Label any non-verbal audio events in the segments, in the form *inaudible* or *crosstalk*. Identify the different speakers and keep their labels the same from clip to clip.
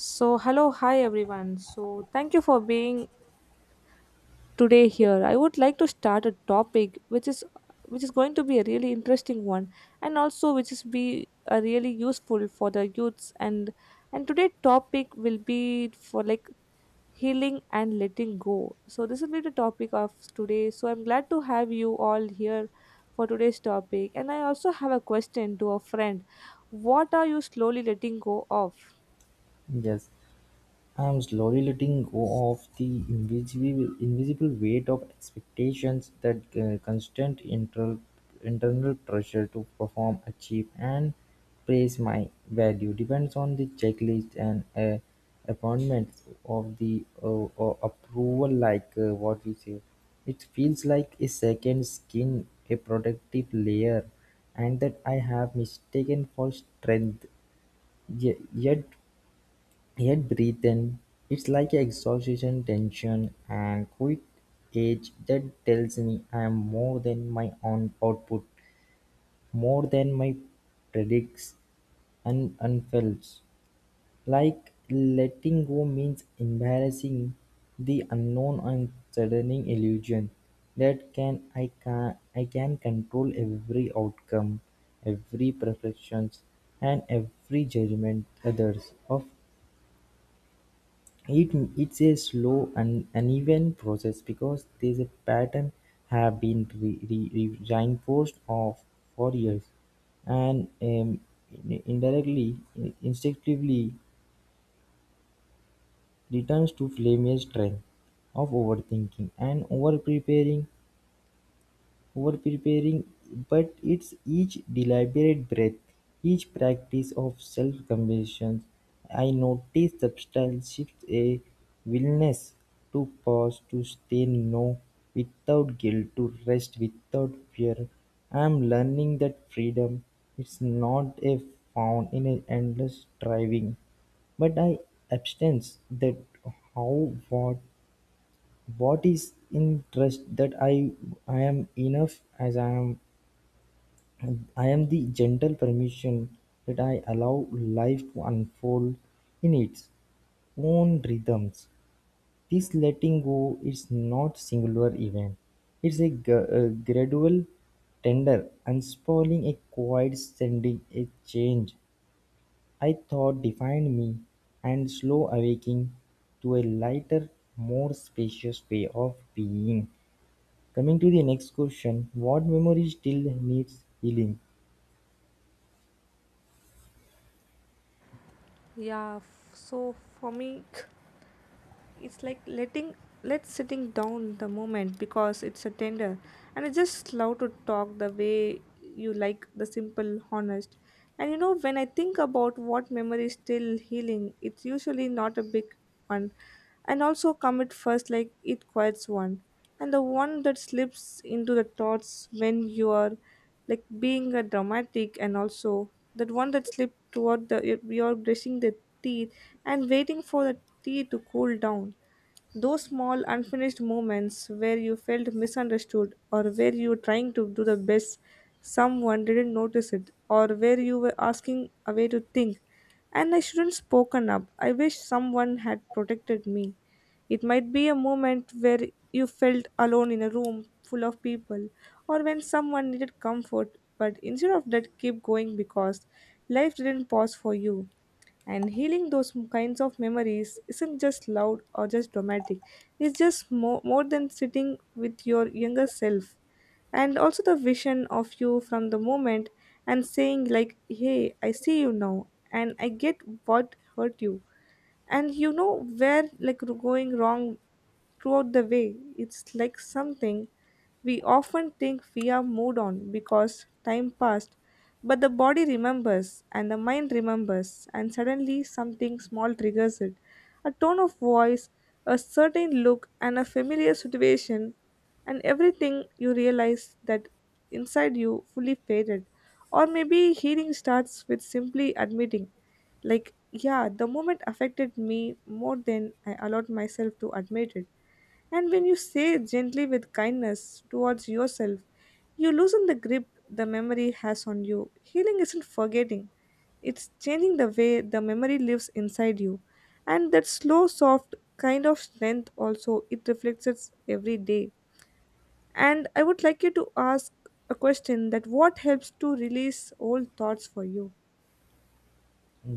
Speaker 1: So, hello, hi everyone. Thank you for being today here. I would like to start a topic which is going to be a really interesting one, and also which is be a really useful for the youths, and today topic will be for like healing and letting go. So, this will be the topic of today. So, I'm glad to have you all here for today's topic, and I also have a question to a friend. What are you slowly letting go of?
Speaker 2: Yes, I'm slowly letting go of the invisible weight of expectations, that constant internal pressure to perform, achieve, and praise. My value depends on the checklist and appointments of the approval. Like what we say, it feels like a second skin, a protective layer, and that I have mistaken for strength. Ye- Yet Yet breathing, it's like an exhausting tension and quick edge that tells me I'm more than my own output, more than my predicts and unfelt. Like letting go means embarrassing the unknown and saddening illusion that can control every outcome, every perfections, and every judgment others of it. It's a slow and uneven process because these pattern have been reinforced of for years, and indirectly, instinctively returns to Flamir's strength of overthinking and over-preparing, but it's each deliberate breath, each practice of self-compassion I notice substantiates a willingness to pause, to say no without guilt, to rest without fear. I'm learning that freedom is not a found in an endless striving, but I absence that how what is in trust that I am enough as I am. I am the gentle permission that I allow life to unfold in its own rhythms. This letting go is not singular event. It's a gradual, tender, unspooling, a quiet sending, a change I thought defined me, and slow awaking to a lighter, more spacious way of being. Coming to the next question, what memory still needs healing?
Speaker 1: Yeah, so for me *laughs* it's like letting let sitting down the moment, because it's a tender, and it's just love to talk the way you like, the simple honest. And you know when I think about what memory is still healing, it's usually not a big one. And also come it first like it quiets one, and the one that slips into the thoughts when you are like being a dramatic, and also that one that slips toward you're brushing the teeth and waiting for the tea to cool down. Those small unfinished moments where you felt misunderstood, or where you were trying to do the best, someone didn't notice it, or where you were asking a way to think, and I shouldn't spoken up, I wish someone had protected me. It might be a moment where you felt alone in a room full of people, or when someone needed comfort, but instead of that, keep going because life didn't pause for you. And healing those kinds of memories isn't just loud or just dramatic, it's just more, more than sitting with your younger self. And also the vision of you from the moment, and saying, like, hey, I see you now, and I get what hurt you, and you know where like going wrong throughout the way. It's like something we often think we are moved on because time passed, but the body remembers and the mind remembers, and suddenly something small triggers it: a tone of voice, a certain look, and a familiar situation. And everything, you realize that inside you fully faded. Or maybe healing starts with simply admitting, like, yeah, the moment affected me more than I allowed myself to admit it. And when you say gently with kindness towards yourself, you loosen the grip the memory has on you. Healing isn't forgetting, it's changing the way the memory lives inside you. And that slow, soft kind of strength also, it reflects it every day. And I would like you to ask a question that, what helps to release old thoughts for you?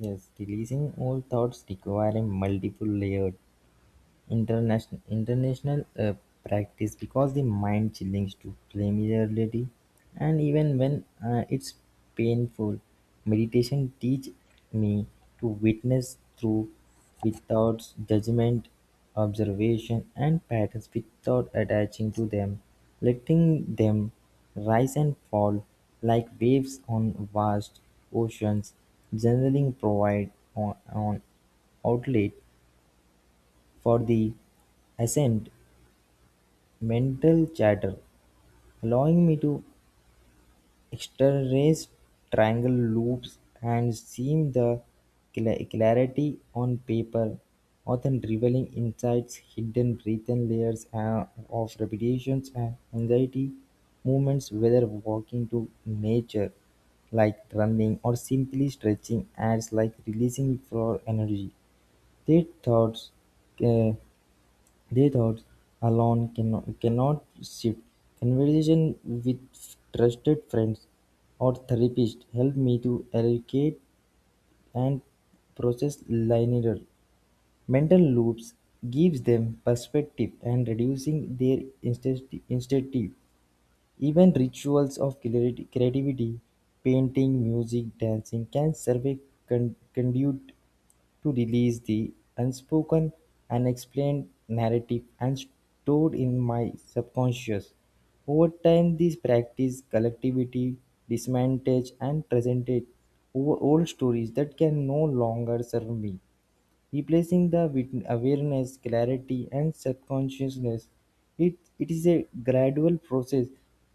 Speaker 2: Yes, releasing old thoughts require a multiple layered international practice because the mind clings to familiarity, and even when it's painful, meditation teach me to witness through without judgment, observation, and patterns without attaching to them, letting them rise and fall like waves on vast oceans. Journaling provide on outlet for the ascent mental chatter, allowing me to externalize triangle loops and seam the clarity on paper, often revealing insights hidden written layers of repetitions and anxiety movements, whether walking to nature like running or simply stretching acts like releasing for energy. Their thoughts uh, They thought alone cannot shift. Conversation with trusted friends or therapist helped me to eradicate and process linear mental loops, gives them perspective and reducing their instinctive. Even rituals of creativity, painting, music, dancing can serve a conduit to release the unspoken, unexplained narrative and stored in my subconscious. Over time, this practice collectivity dismantles and presented over old stories that can no longer serve me, replacing the awareness, clarity, and subconsciousness. It is a gradual process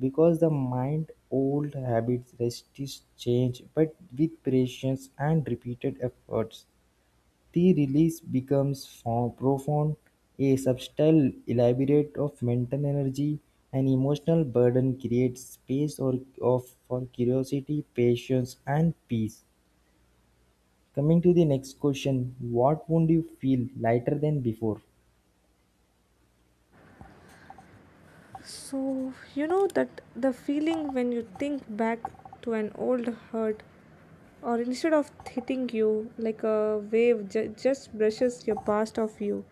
Speaker 2: because the mind old habits resist change, but with patience and repeated efforts the release becomes profound, a subtle elaborate of mental energy and emotional burden creates space or of for curiosity, patience and peace. Coming to the next question, what would you feel lighter than before?
Speaker 1: So, you know that the feeling when you think back to an old hurt, or instead of hitting you like a wave, just brushes your past off you.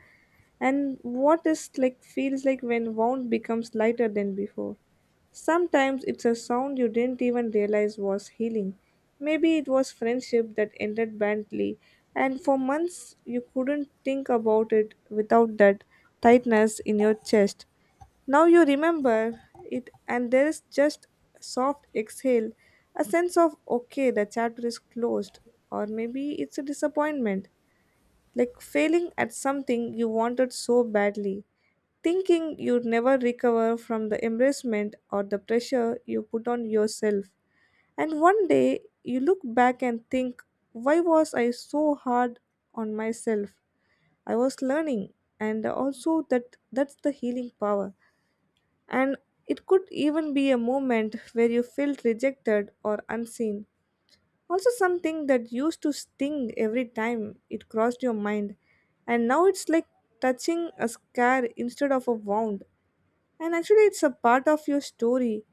Speaker 1: And what is like feels like when wound becomes lighter than before. Sometimes it's a sound you didn't even realize was healing. Maybe it was friendship that ended badly, and for months you couldn't think about it without that tightness in your chest. Now you remember it, and there is just a soft exhale, a sense of okay, the chapter is closed. Or maybe it's a disappointment, like failing at something you wanted so badly, thinking you'd never recover from the embarrassment or the pressure you put on yourself. And one day you look back and think, why was I so hard on myself? I was learning, and also that's the healing power. And it could even be a moment where you felt rejected or unseen. Also, something that used to sting every time it crossed your mind, and now it's like touching a scar instead of a wound. And actually, it's a part of your story,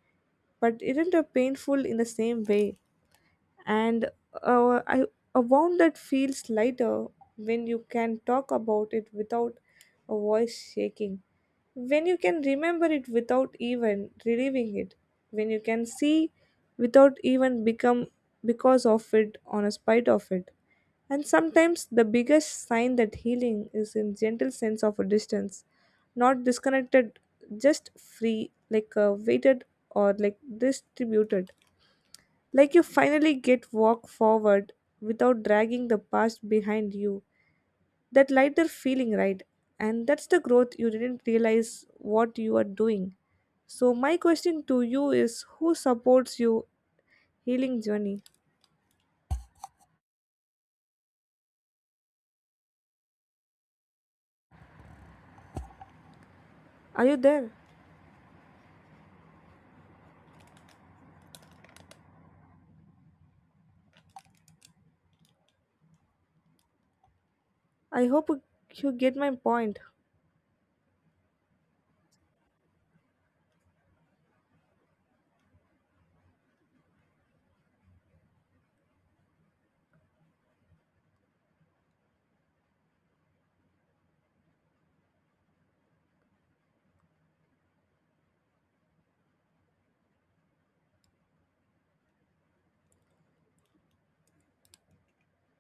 Speaker 1: but isn't a painful in the same way. and uh, I, a wound that feels lighter when you can talk about it without a voice shaking, when you can remember it without even reliving it, when you can see without even become because of it on a spite of it. And sometimes the biggest sign that healing is in gentle sense of a distance, not disconnected, just free, like weighted or like distributed. Like you finally get walk forward without dragging the past behind you. That lighter feeling, right? And that's the growth you didn't realize what you are doing. So my question to you is, who supports you healing journey? Are you there? I hope you get my point.